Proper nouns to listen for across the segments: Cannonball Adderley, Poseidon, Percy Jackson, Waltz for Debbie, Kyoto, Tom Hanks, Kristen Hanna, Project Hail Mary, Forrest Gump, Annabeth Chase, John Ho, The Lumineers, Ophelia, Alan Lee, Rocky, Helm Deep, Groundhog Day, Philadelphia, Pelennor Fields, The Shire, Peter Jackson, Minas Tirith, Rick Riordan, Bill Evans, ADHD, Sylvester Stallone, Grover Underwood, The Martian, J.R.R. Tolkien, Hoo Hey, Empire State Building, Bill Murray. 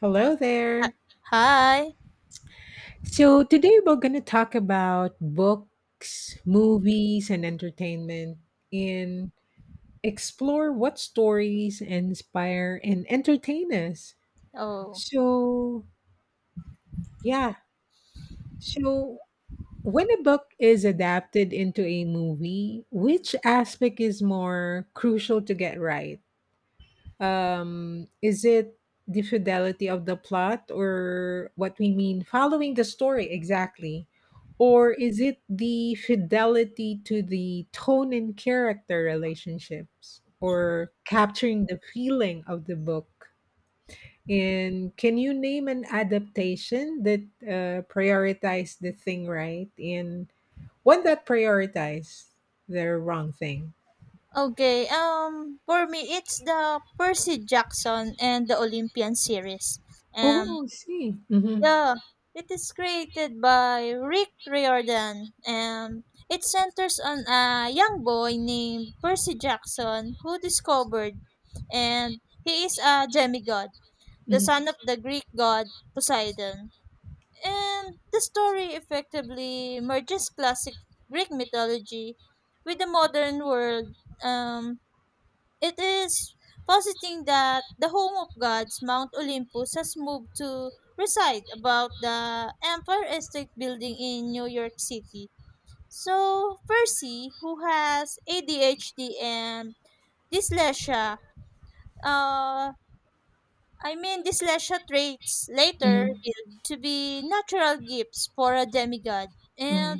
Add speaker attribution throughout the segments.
Speaker 1: Hello there.
Speaker 2: Ha Hi.
Speaker 1: Today we're going to talk about books, movies, and entertainment and explore what stories inspire and entertain us.
Speaker 2: Oh,
Speaker 1: So, yeah. So, when a book is adapted into a movie, which aspect is more crucial to get right? Is it the fidelity of the plot, or what we mean following the story exactly, or is it the fidelity to the tone and character relationships, or capturing the feeling of the book? And can you name an adaptation that prioritized the thing right and one that prioritized the wrong thing?
Speaker 2: okay, for me, it's the Percy Jackson and the Olympian series. Um,
Speaker 1: Oh, I see. mm-hmm,
Speaker 2: yeah, it is created by Rick Riordan. It centers on a young boy named Percy Jackson who discovered, and he is a demigod, the son of
Speaker 1: mm-hmm,
Speaker 2: the Greek god Poseidon. And the story effectively merges classic Greek mythology with the modern world. Um, it is positing that the home of gods, Mount Olympus, has moved to reside about the Empire State Building in New York City. So, Percy, who has ADHD and dyslexia, uh, I mean, these leisure traits later
Speaker 1: mm-hmm,
Speaker 2: revealed to be natural gifts for a demigod,
Speaker 1: mm-hmm.
Speaker 2: and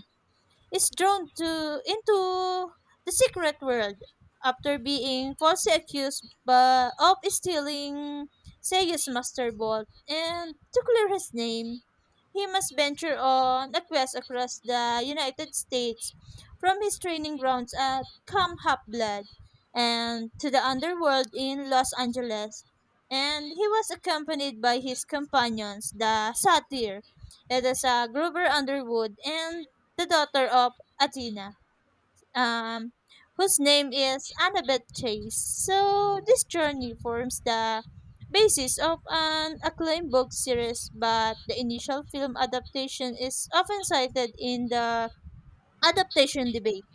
Speaker 2: is drawn to into the secret world after being falsely accused by, of stealing Seiya's master bolt, and to clear his name he must venture on a quest across the United States from his training grounds at Camp Half Blood and to the underworld in Los Angeles. And he was accompanied by his companions, the Satyr, that is Grover Underwood, and the daughter of Athena, um, whose name is Annabeth Chase. So this journey forms the basis of an acclaimed book series, but the initial film adaptation is often cited in the adaptation debate,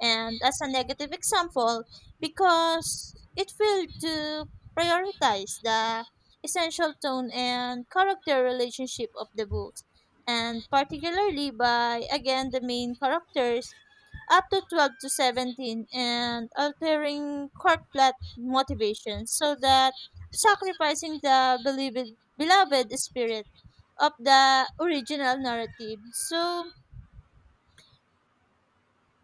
Speaker 2: and as a negative example, because it failed to prioritize the essential tone and character relationship of the books, and particularly by again the main characters up to 12 to 17 and altering court plot motivations so that sacrificing the beloved spirit of the original narrative. So,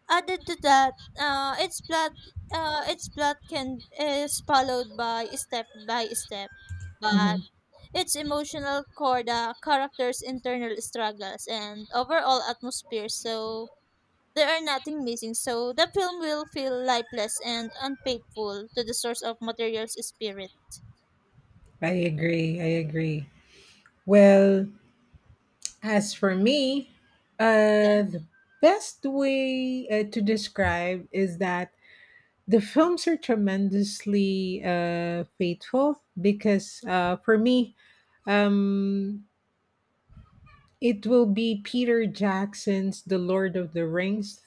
Speaker 2: added to that, uh, its plot, its plot can is followed by step, but its emotional core, the characters' internal struggles, and overall atmosphere. So there are nothing missing. So the film will feel lifeless and unfaithful to the source of material's spirit.
Speaker 1: I agree. I agree. Well, as for me,
Speaker 2: Yeah.
Speaker 1: the best way to describe is that the films are tremendously faithful because, for me, um, it will be Peter Jackson's "The Lord of the Rings"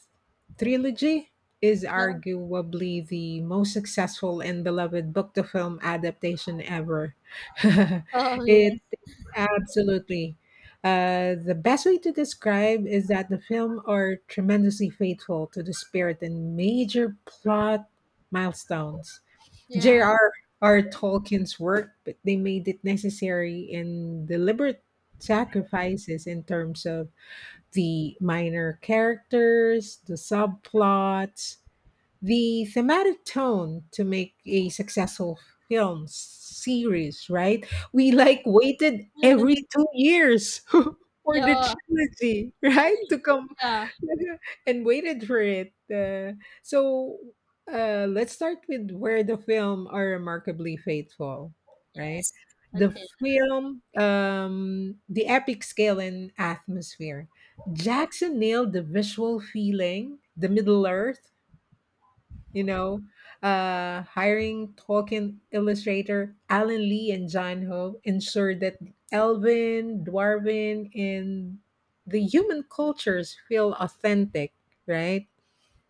Speaker 1: trilogy. Is
Speaker 2: Yeah.
Speaker 1: arguably the most successful and beloved book-to-film adaptation ever.
Speaker 2: Oh yes.
Speaker 1: It absolutely. The best way to describe is that the film are tremendously faithful to the spirit and major plot milestones.
Speaker 2: Yeah.
Speaker 1: J.R.R. Tolkien's work, but they made it necessary and deliberate sacrifices in terms of the minor characters, the subplots, the thematic tone to make a successful film series, right? We like waited
Speaker 2: Yeah.
Speaker 1: every 2 years for the
Speaker 2: yeah.
Speaker 1: trilogy, right? To come
Speaker 2: Yeah.
Speaker 1: and waited for it. So let's start with where the film are remarkably faithful, right?
Speaker 2: Yes.
Speaker 1: The
Speaker 2: Okay.
Speaker 1: film, the epic scale and atmosphere. Jackson nailed the visual feeling, the Middle Earth, you know, hiring Tolkien illustrator Alan Lee and John Ho ensured that Elven, Dwarven, and the human cultures feel authentic, right?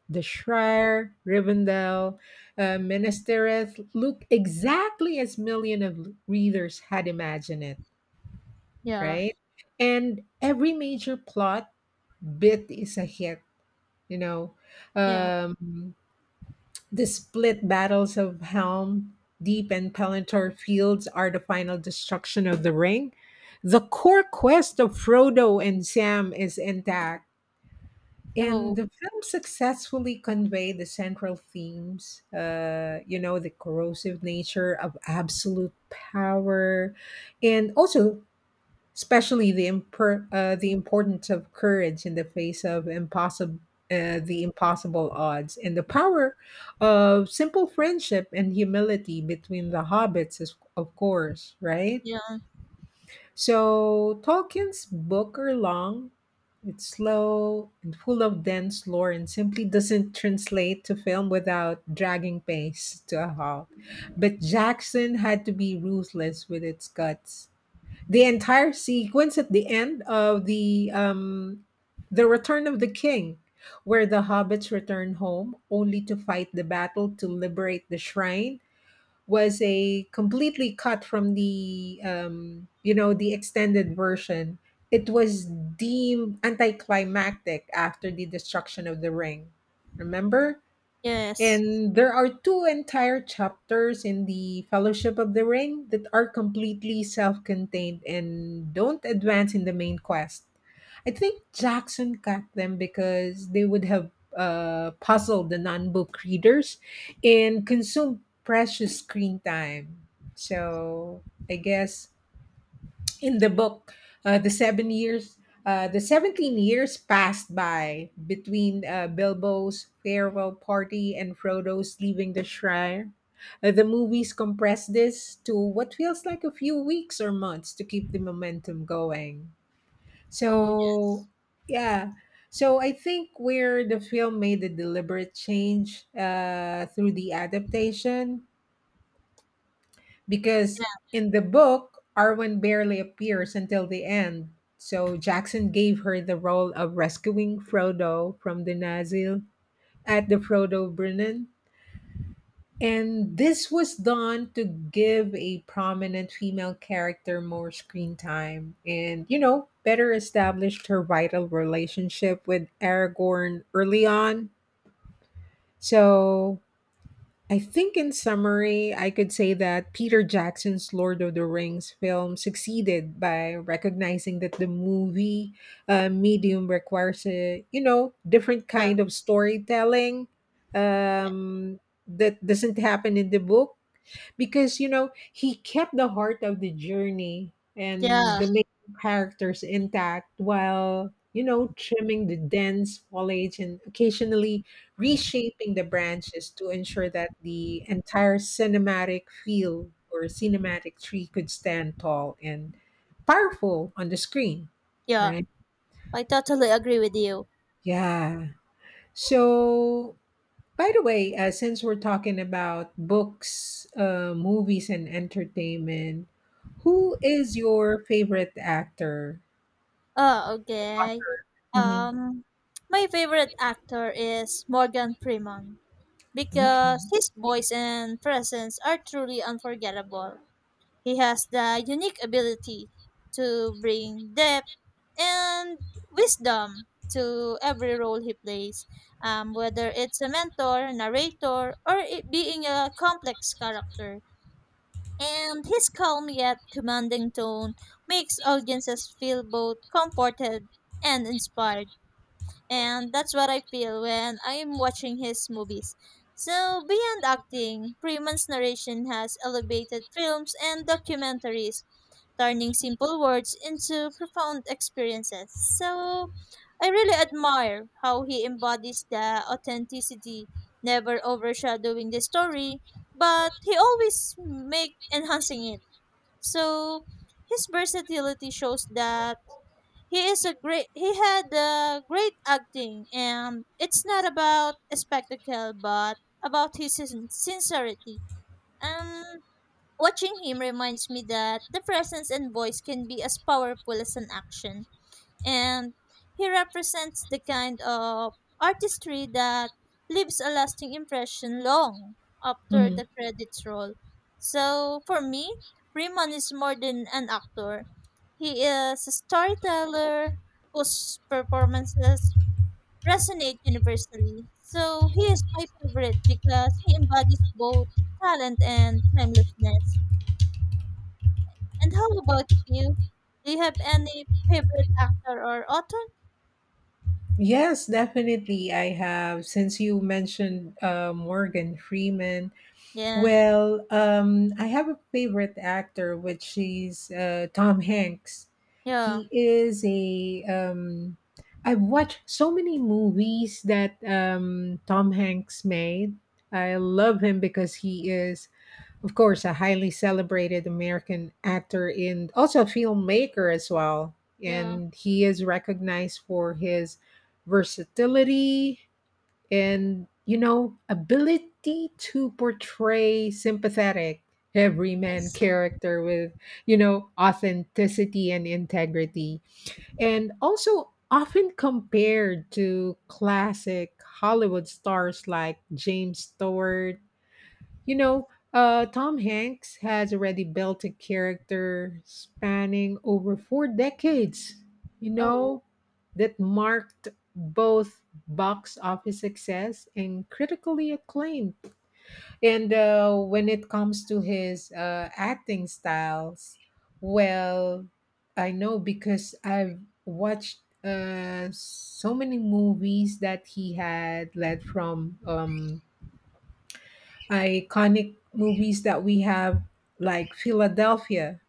Speaker 1: The Shire, Rivendell, Minas Tirith look exactly as millions of readers had imagined it,
Speaker 2: Yeah.
Speaker 1: right? And every major plot bit is a hit, you know.
Speaker 2: Yeah.
Speaker 1: Um, the split battles of Helm Deep and Pelennor Fields are the final destruction of the Ring. The core quest of Frodo and Sam is intact, and
Speaker 2: Oh.
Speaker 1: the film successfully conveyed the central themes. You know, the corrosive nature of absolute power, and also especially the the importance of courage in the face of impossible the impossible odds, and the power of simple friendship and humility between the hobbits is, of course, right.
Speaker 2: Yeah.
Speaker 1: So Tolkien's book are long, it's slow and full of dense lore and simply doesn't translate to film without dragging pace to a halt. But Jackson had to be ruthless with its cuts. The entire sequence at the end of the Return of the King, where the hobbits return home only to fight the battle to liberate the shrine, was a completely cut from the you know, the extended version. It was deemed anticlimactic after the destruction of the ring. Remember?
Speaker 2: Yes.
Speaker 1: And there are two entire chapters in the Fellowship of the Ring that are completely self contained and don't advance in the main quest. I think Jackson cut them because they would have puzzled the non book readers and consumed precious screen time. So I guess in the book, uh, the seven years the 17 years passed by between Bilbo's farewell party and Frodo's leaving the shrine. The movies compress this to what feels like a few weeks or months to keep the momentum going.
Speaker 2: Oh
Speaker 1: so
Speaker 2: yes.
Speaker 1: yeah, so I think where the film made a deliberate change through the adaptation, because
Speaker 2: Yeah,
Speaker 1: in the book, Arwen barely appears until the end. So Jackson gave her the role of rescuing Frodo from the Nazgul at the Frodo Brennan. And this was done to give a prominent female character more screen time, and, you know, better established her vital relationship with Aragorn early on. So I think, in summary, I could say that Peter Jackson's Lord of the Rings film succeeded by recognizing that the movie medium requires a, you know, different
Speaker 2: yeah,
Speaker 1: kind of storytelling, um, that doesn't happen in the book, because, you know, he kept the heart of the journey and
Speaker 2: yeah,
Speaker 1: the main characters intact while, you know, trimming the dense foliage and occasionally reshaping the branches to ensure that the entire cinematic field, or cinematic tree, could stand tall and powerful on the screen,
Speaker 2: yeah.
Speaker 1: right?
Speaker 2: I totally agree with you.
Speaker 1: Yeah. So, by the way, since we're talking about books, movies, and entertainment, who is your favorite actor?
Speaker 2: Oh, okay.
Speaker 1: Hmm.
Speaker 2: Um, my favorite actor is Morgan Freeman
Speaker 1: Okay.
Speaker 2: because his voice and presence are truly unforgettable. He has the unique ability to bring depth and wisdom to every role he plays, whether it's a mentor, narrator, or it being a complex character, and his calm yet commanding tone makes audiences feel both comforted and inspired. And that's what I feel when I'm watching his movies. So, beyond acting, Freeman's narration has elevated films and documentaries, turning simple words into profound experiences. So I really admire how he embodies the authenticity, never overshadowing the story, but he always make enhancing it. So his versatility shows that he had a great acting, and it's not about a spectacle but about his sincerity. Um Watching him reminds me that the presence and voice can be as powerful as an action. And he represents the kind of artistry that leaves a lasting impression long after
Speaker 1: Hmm.
Speaker 2: the credits roll. So for me, Freeman is more than an actor. He is a storyteller whose performances resonate universally. So he is my favorite because he embodies both talent and timelessness. And how about you? Do you have any favorite actor or author?
Speaker 1: Yes, definitely. I have. Since you mentioned Morgan Freeman,
Speaker 2: Yeah.
Speaker 1: well, I have a favorite actor, which is Tom Hanks.
Speaker 2: Yeah.
Speaker 1: He is a. I've watched so many movies that Tom Hanks made. I love him because he is, of course, a highly celebrated American actor and also a filmmaker as well. And he is recognized for his versatility and, you know, ability to portray sympathetic everyman
Speaker 2: Yes.
Speaker 1: character with, you know, authenticity and integrity, and also often compared to classic Hollywood stars like James Stewart. You know, Tom Hanks has already built a character spanning over 4 decades, you
Speaker 2: Oh.
Speaker 1: know, that marked both box office success and critically acclaimed. And when it comes to his acting styles, well, I know because I've watched so many movies that he had led from iconic movies that we have, like Philadelphia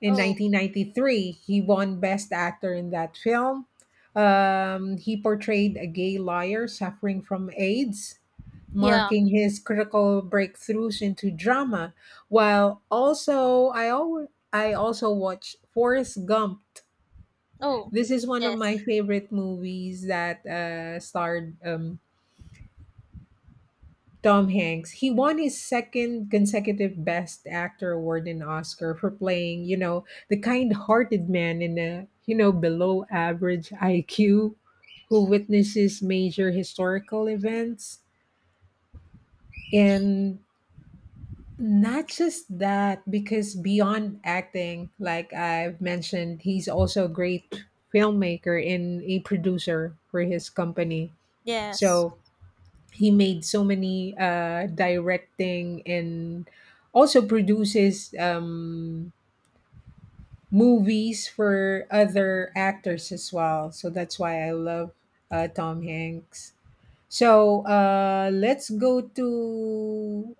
Speaker 1: in
Speaker 2: Oh.
Speaker 1: 1993. He won Best Actor in that film. He portrayed a gay lawyer suffering from AIDS,
Speaker 2: Yeah.
Speaker 1: marking his critical breakthroughs into drama. While also, I also watched Forrest Gump.
Speaker 2: Oh.
Speaker 1: This is one of my
Speaker 2: Yes.
Speaker 1: favorite movies that starred Tom Hanks. He won his second consecutive Best Actor award in Oscar for playing, you know, the kind-hearted man in a, you know, below average IQ who witnesses major historical events. And not just that, because beyond acting, like I've mentioned, he's also a great filmmaker and a producer for his company.
Speaker 2: Yes.
Speaker 1: So he made so many directing and also produces movies for other actors as well. So that's why I love Tom Hanks. So let's go to,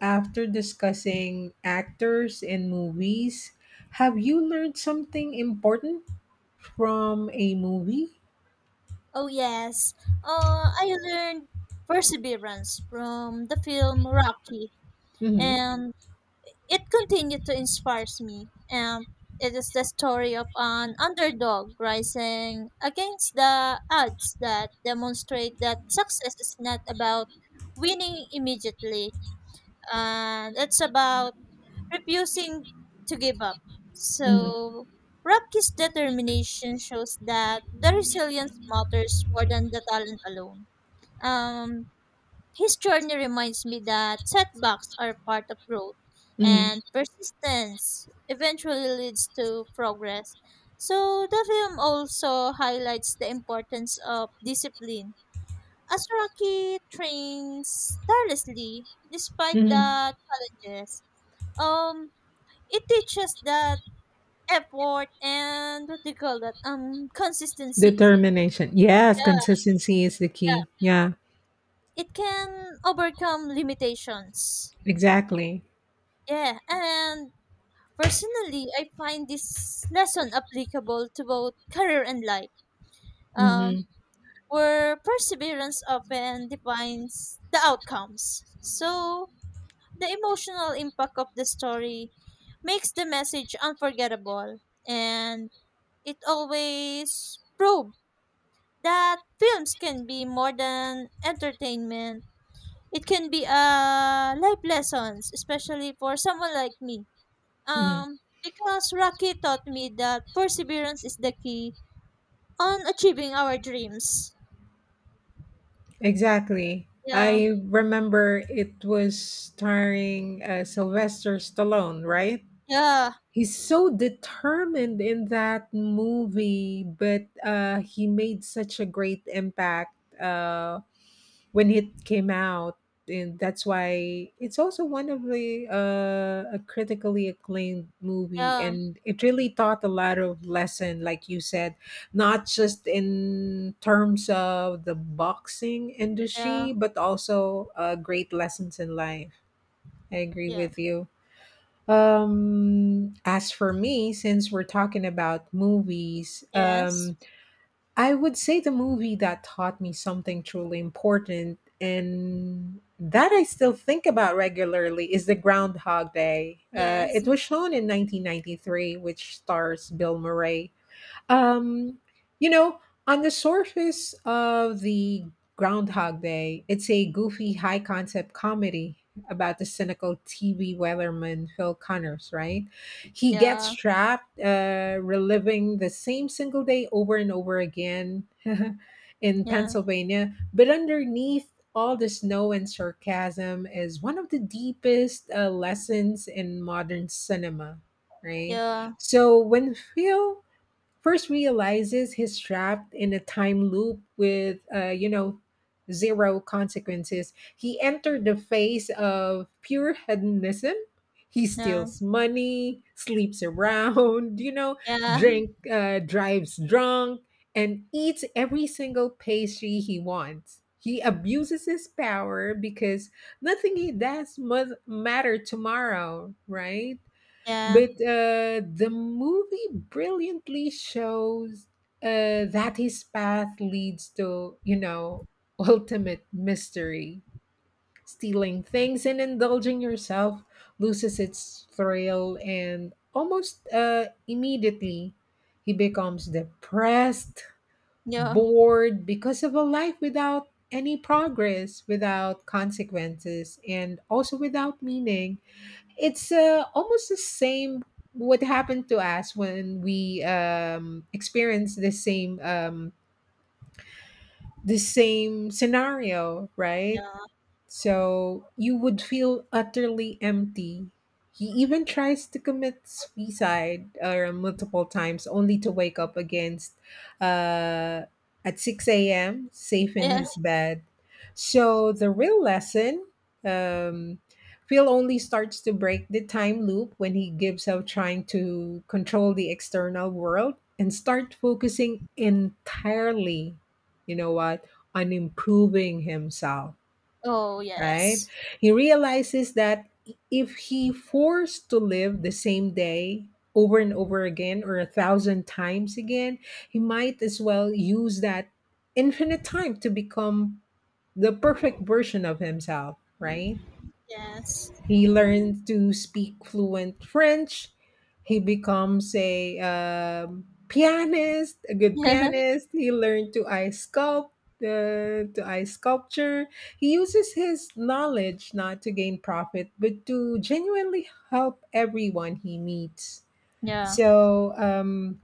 Speaker 1: after discussing actors and movies, have you learned something important from a movie?
Speaker 2: Oh yes. I learned perseverance from the film Rocky,
Speaker 1: Mm-hmm.
Speaker 2: and it continued to inspire me. And it is the story of an underdog rising against the odds that demonstrate that success is not about winning immediately, and it's about refusing to give up.
Speaker 1: Mm-hmm.
Speaker 2: So, Rocky's determination shows that the resilience matters more than the talent alone. Um, his journey reminds me that setbacks are part of growth,
Speaker 1: Mm-hmm.
Speaker 2: and persistence eventually leads to progress. So, the film also highlights the importance of discipline. As Rocky trains tirelessly despite
Speaker 1: Mm-hmm.
Speaker 2: the challenges, um it teaches that effort and what do you call that consistency,
Speaker 1: Determination. Yes,
Speaker 2: yeah,
Speaker 1: consistency is the
Speaker 2: yeah,
Speaker 1: key. Yeah,
Speaker 2: it can overcome limitations,
Speaker 1: exactly.
Speaker 2: yeah, and personally I find this lesson applicable to both career and life. um
Speaker 1: Hmm.
Speaker 2: where perseverance often defines the outcomes, so the emotional impact of the story makes the message unforgettable, and it always proves that films can be more than entertainment. It can be a life lessons, especially for someone like me.
Speaker 1: Hmm.
Speaker 2: Because Rocky taught me that perseverance is the key on achieving our dreams.
Speaker 1: Exactly.
Speaker 2: Yeah,
Speaker 1: I remember it was starring Sylvester Stallone, right?
Speaker 2: yeah,
Speaker 1: He's so determined in that movie, but he made such a great impact. When it came out, and that's why it's also one of the, a critically acclaimed movie,
Speaker 2: yeah,
Speaker 1: and it really taught a lot of lesson, like you said, not just in terms of the boxing
Speaker 2: yeah,
Speaker 1: industry, but also great lessons in life. I agree
Speaker 2: yeah.
Speaker 1: with you. As for me, since we're talking about movies,
Speaker 2: Yes,
Speaker 1: I would say the movie that taught me something truly important and that I still think about regularly is The Groundhog Day.
Speaker 2: yes,
Speaker 1: It was shown in 1993, which stars Bill Murray. Um, you know, on the surface of the Groundhog Day, it's a goofy, high concept comedy about the cynical TV weatherman Phil Connors, right? He gets
Speaker 2: yeah,
Speaker 1: trapped, reliving the same single day over and over again in
Speaker 2: yeah,
Speaker 1: Pennsylvania. But underneath all the snow and sarcasm is one of the deepest lessons in modern cinema, right?
Speaker 2: yeah,
Speaker 1: So when Phil first realizes he's trapped in a time loop with, you know, zero consequences. He entered the phase of pure hedonism. He
Speaker 2: yeah,
Speaker 1: steals money, sleeps around, you know,
Speaker 2: yeah,
Speaker 1: drives drunk, and eats every single pastry he wants. He abuses his power because nothing he does must matter tomorrow, right?
Speaker 2: yeah,
Speaker 1: But the movie brilliantly shows that his path leads to, you know, ultimate mystery. Stealing things and indulging yourself loses its thrill, and almost immediately, he becomes depressed,
Speaker 2: yeah,
Speaker 1: bored because of a life without any progress, without consequences, and also without meaning. It's almost the same what happened to us when we experienced the same scenario,
Speaker 2: yeah,
Speaker 1: right? So you would feel utterly empty. He even tries to commit suicide multiple times, only to wake up against uh, at 6 a.m. safe in
Speaker 2: yeah
Speaker 1: his bed. So the real lesson, um, Phil only starts to break the time loop when he gives up trying to control the external world and start focusing entirely, you know what, on improving himself,
Speaker 2: Oh
Speaker 1: right?
Speaker 2: yes,
Speaker 1: He realizes that if he forced to live the same day over and over again, or 1,000 times again, he might as well use that infinite time to become the perfect version of himself, right?
Speaker 2: yes,
Speaker 1: He learned to speak fluent French. He becomes a pianist, a good
Speaker 2: yeah,
Speaker 1: pianist. He learned to ice sculpt, to ice sculpture. He uses his knowledge not to gain profit, but to genuinely help everyone he meets.
Speaker 2: yeah,
Speaker 1: So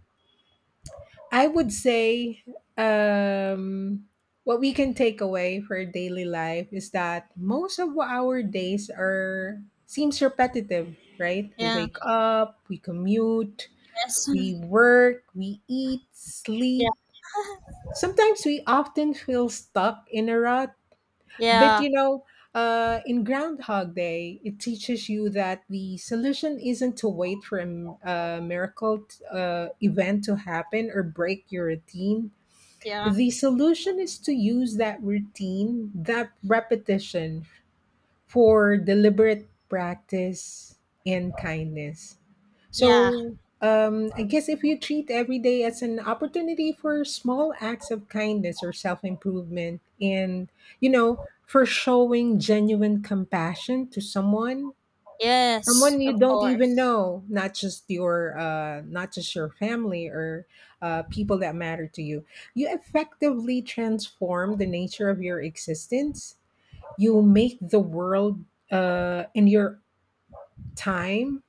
Speaker 1: I would say, um, what we can take away for daily life is that most of our days are seems repetitive, right? We
Speaker 2: yeah,
Speaker 1: wake up, we commute,
Speaker 2: yes.
Speaker 1: we work, we eat,
Speaker 2: Yeah.
Speaker 1: sleep. Sometimes we often feel stuck in a rut, but
Speaker 2: Yeah,
Speaker 1: in Groundhog Day, it teaches you that the solution isn't to wait for a miracle event to happen or break your routine.
Speaker 2: yeah,
Speaker 1: The solution is to use that routine, that repetition for deliberate practice and kindness.
Speaker 2: yeah,
Speaker 1: So, I guess if you treat every day as an opportunity for small acts of kindness or self improvement, and you know, for showing genuine compassion to someone,
Speaker 2: yes,
Speaker 1: someone
Speaker 2: of
Speaker 1: you don't even
Speaker 2: course.
Speaker 1: know, not just your not just your family or people that matter to you. You effectively transform the nature of your existence. You make the world in your time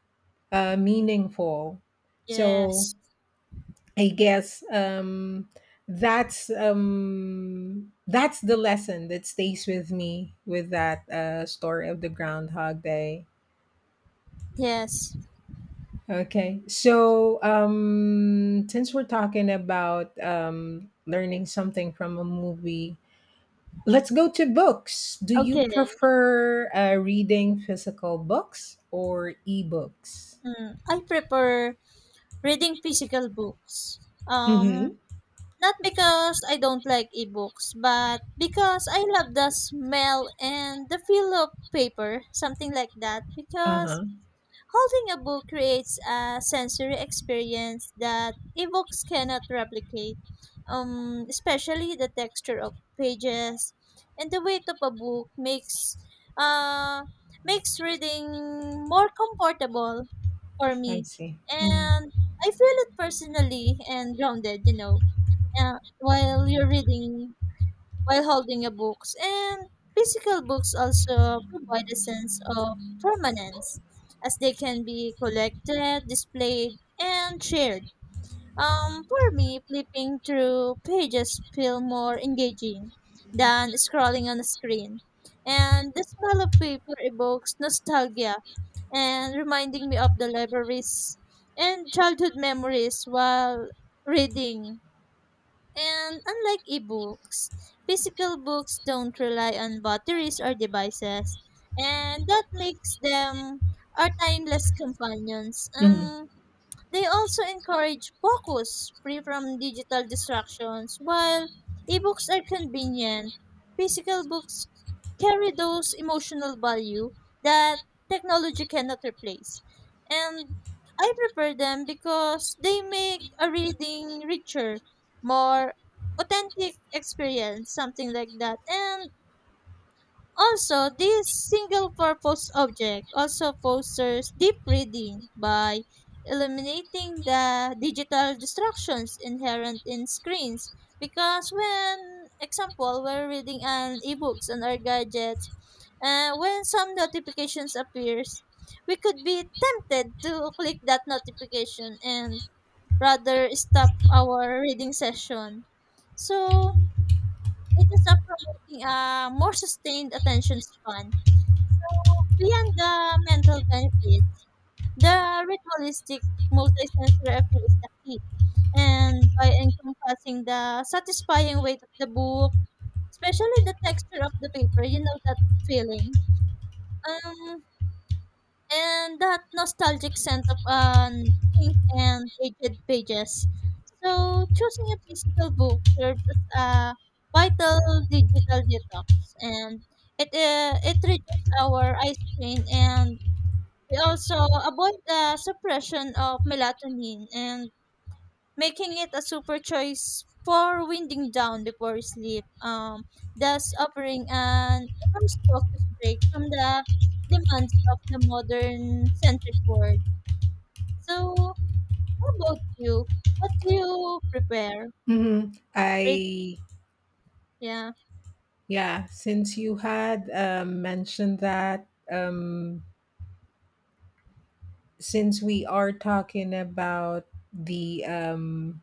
Speaker 1: meaningful. So
Speaker 2: Yes,
Speaker 1: I guess that's the lesson that stays with me with that story of the Groundhog Day.
Speaker 2: yes.
Speaker 1: Okay. So, since we're talking about learning something from a movie, let's go to books. Do you
Speaker 2: Okay.
Speaker 1: prefer reading physical books or ebooks?
Speaker 2: I prefer reading physical books. Um,
Speaker 1: Mm-hmm.
Speaker 2: Not because I don't like ebooks, but because I love the smell and the feel of paper, something like that.
Speaker 1: Uh
Speaker 2: Because
Speaker 1: huh.
Speaker 2: holding a book creates a sensory experience that ebooks cannot replicate, especially the texture of pages and the weight of a book uh, makes reading more comfortable for
Speaker 1: I
Speaker 2: me,
Speaker 1: see. Mm-hmm.
Speaker 2: and I feel it personally and grounded, you know, while you're reading, while holding a books. And physical books also provide a sense of permanence as they can be collected, displayed, and shared. For me, flipping through pages feel more engaging than scrolling on a screen, and the smell of paper evokes nostalgia and reminding me of the libraries and childhood memories while reading. And unlike ebooks, physical books don't rely on batteries or devices, and that makes them our timeless companions.
Speaker 1: Mm-hmm.
Speaker 2: They also encourage focus free from digital distractions. While ebooks are convenient, physical books carry those emotional value that technology cannot replace. And I prefer them because they make a reading richer, more authentic experience, something like that. And also, this single-purpose object also fosters deep reading by eliminating the digital distractions inherent in screens. Because when, example, we're reading an ebooks on our gadgets, when some notifications appears, we could be tempted to click that notification and rather stop our reading session. So it is a promoting a more sustained attention span. So beyond the mental benefits, the ritualistic multisensory appeal is the key. And by encompassing the satisfying weight of the book, especially the texture of the paper, you know that feeling. Um, and that nostalgic scent of an ink and aged pages. So choosing a physical book serves as a vital digital detox, and it reduces our eye strain, and we also avoid the suppression of melatonin and making it a super choice for winding down before sleep, thus offering an immense focus break from the demands of the modern centric world. So, how about you? What do you prepare?
Speaker 1: Mm-hmm.
Speaker 2: Read,
Speaker 1: I...
Speaker 2: yeah,
Speaker 1: Yeah, since you had mentioned that, since we are talking about the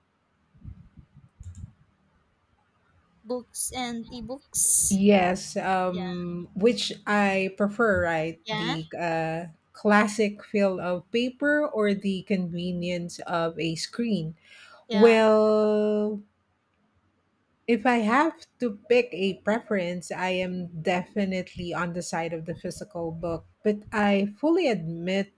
Speaker 2: books and ebooks.
Speaker 1: yes,
Speaker 2: Yeah,
Speaker 1: which I prefer, right?
Speaker 2: yeah,
Speaker 1: The classic feel of paper or the convenience of a screen.
Speaker 2: yeah.
Speaker 1: Well, if I have to pick a preference, I am definitely on the side of the physical book, but I fully admit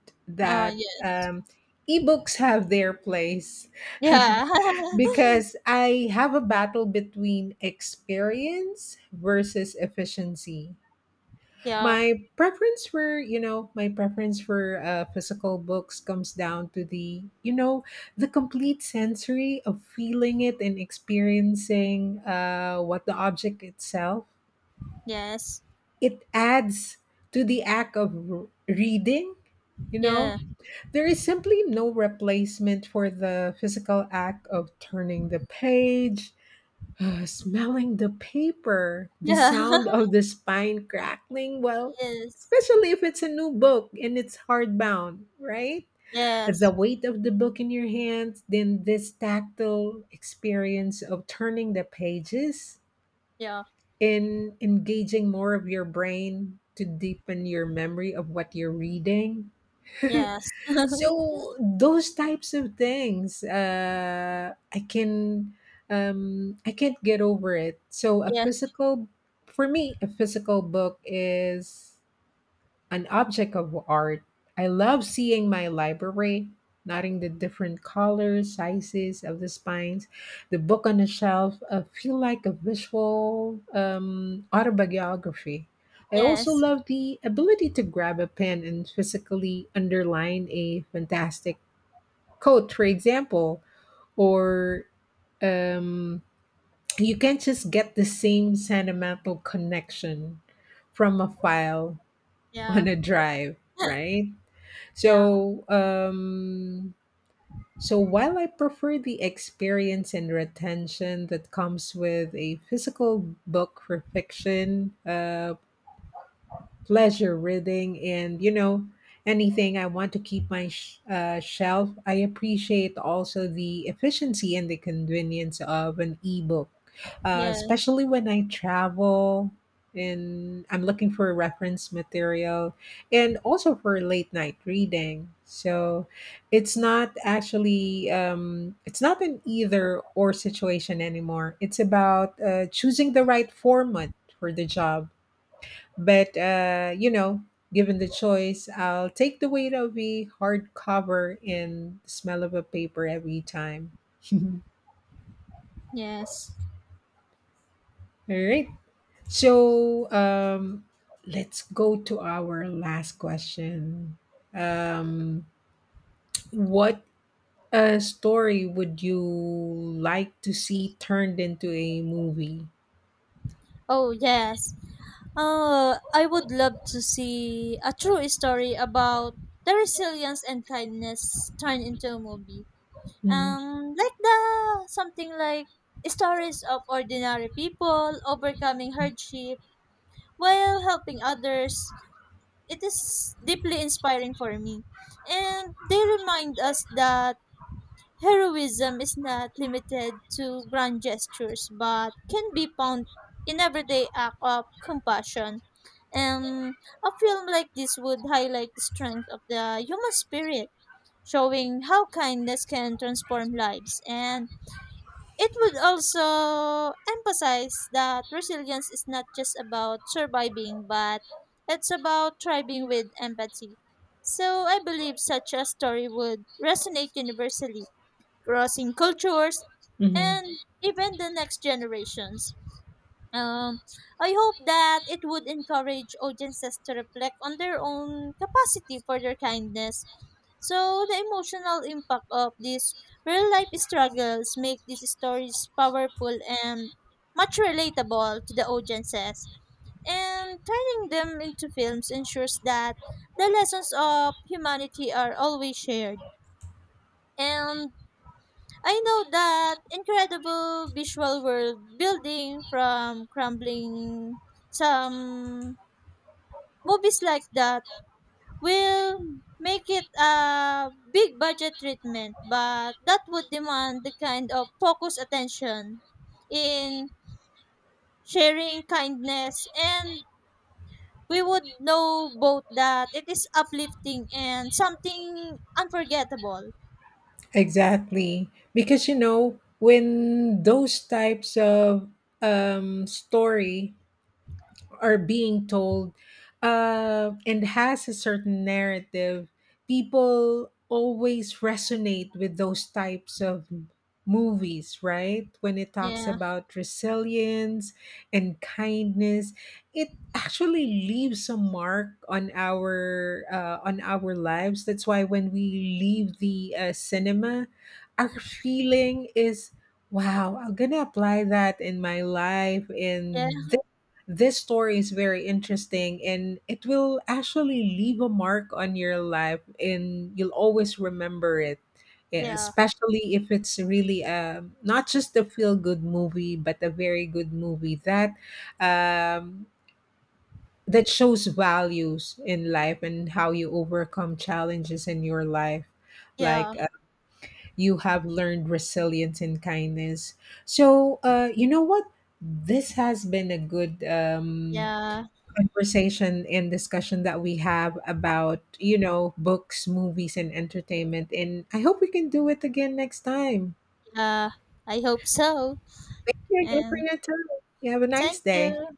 Speaker 2: Oh,
Speaker 1: that
Speaker 2: yes.
Speaker 1: um, ebooks have their place.
Speaker 2: Yeah,
Speaker 1: Because I have a battle between experience versus efficiency.
Speaker 2: yeah,
Speaker 1: My preference for physical books comes down to the, you know, the complete sensory of feeling it and experiencing what the object itself.
Speaker 2: yes,
Speaker 1: It adds to the act of reading, you know.
Speaker 2: yeah,
Speaker 1: There is simply no replacement for the physical act of turning the page, smelling the paper, the
Speaker 2: yeah.
Speaker 1: sound of the spine crackling, well,
Speaker 2: Yes.
Speaker 1: especially if it's a new book and it's hardbound, right? The
Speaker 2: Yes.
Speaker 1: weight of the book in your hands, then this tactile experience of turning the pages
Speaker 2: Yeah.
Speaker 1: and engaging more of your brain to deepen your memory of what you're reading.
Speaker 2: Yes.
Speaker 1: So those types of things, I can't get over it. So a
Speaker 2: Yes.
Speaker 1: physical, for me, a physical book is an object of art. I love seeing my library, noting the different colors, sizes of the spines, the book on the shelf. I feel like a visual autobiography. I also
Speaker 2: Yes.
Speaker 1: love the ability to grab a pen and physically underline a fantastic quote, for example, or um, you can't just get the same sentimental connection from a file
Speaker 2: Yeah.
Speaker 1: on a drive, right?
Speaker 2: Yeah.
Speaker 1: So, um, so while I prefer the experience and retention that comes with a physical book for fiction, pleasure reading and you know anything I want to keep my shelf, I appreciate also the efficiency and the convenience of an ebook,
Speaker 2: Yes.
Speaker 1: especially when I travel and I'm looking for reference material and also for late night reading. So it's not actually, it's not an either or situation anymore. It's about choosing the right format for the job. But you know, given the choice, I'll take the weight of a hardcover and the smell of a paper every time. All
Speaker 2: Yes.
Speaker 1: right. So let's go to our last question. Um, what story would you like to see turned into a movie?
Speaker 2: Oh, yes. I would love to see a true story about the resilience and kindness turned into a movie.
Speaker 1: Mm-hmm.
Speaker 2: Like the something like stories of ordinary people overcoming hardship while helping others, it is deeply inspiring for me. And they remind us that heroism is not limited to grand gestures but can be found in everyday act of compassion. And a film like this would highlight the strength of the human spirit, showing how kindness can transform lives, and it would also emphasize that resilience is not just about surviving, but it's about thriving with empathy. So I believe such a story would resonate universally, crossing cultures
Speaker 1: Mm-hmm.
Speaker 2: and even the next generations. Um, I hope that it would encourage audiences to reflect on their own capacity for their kindness. So the emotional impact of these real life struggles make these stories powerful and much relatable to the audiences. And turning them into films ensures that the lessons of humanity are always shared. And I know that incredible visual world building from crumbling some movies like that will make it a big budget treatment, but that would demand the kind of focused attention in sharing kindness, and we would know both that it is uplifting and something unforgettable.
Speaker 1: Exactly. Because you know, when those types of story are being told and has a certain narrative, people always resonate with those types of movies, right? When it talks
Speaker 2: Yeah.
Speaker 1: about resilience and kindness, it actually leaves a mark on our lives. That's why when we leave the cinema, our feeling is wow, I'm gonna apply that in my life,
Speaker 2: Yeah.
Speaker 1: and this story is very interesting and it will actually leave a mark on your life and you'll always remember it. Yeah,
Speaker 2: Yeah.
Speaker 1: especially if it's really not just a feel-good movie but a very good movie that um, that shows values in life and how you overcome challenges in your life, like
Speaker 2: Yeah.
Speaker 1: you have learned resilience and kindness. So you know what, this has been a good
Speaker 2: Yeah.
Speaker 1: conversation and discussion that we have about, you know, books, movies, and entertainment. And I hope we can do it again next time.
Speaker 2: Uh, I hope so.
Speaker 1: Thank you again for
Speaker 2: And
Speaker 1: your time. You have a nice
Speaker 2: thank
Speaker 1: day.
Speaker 2: you.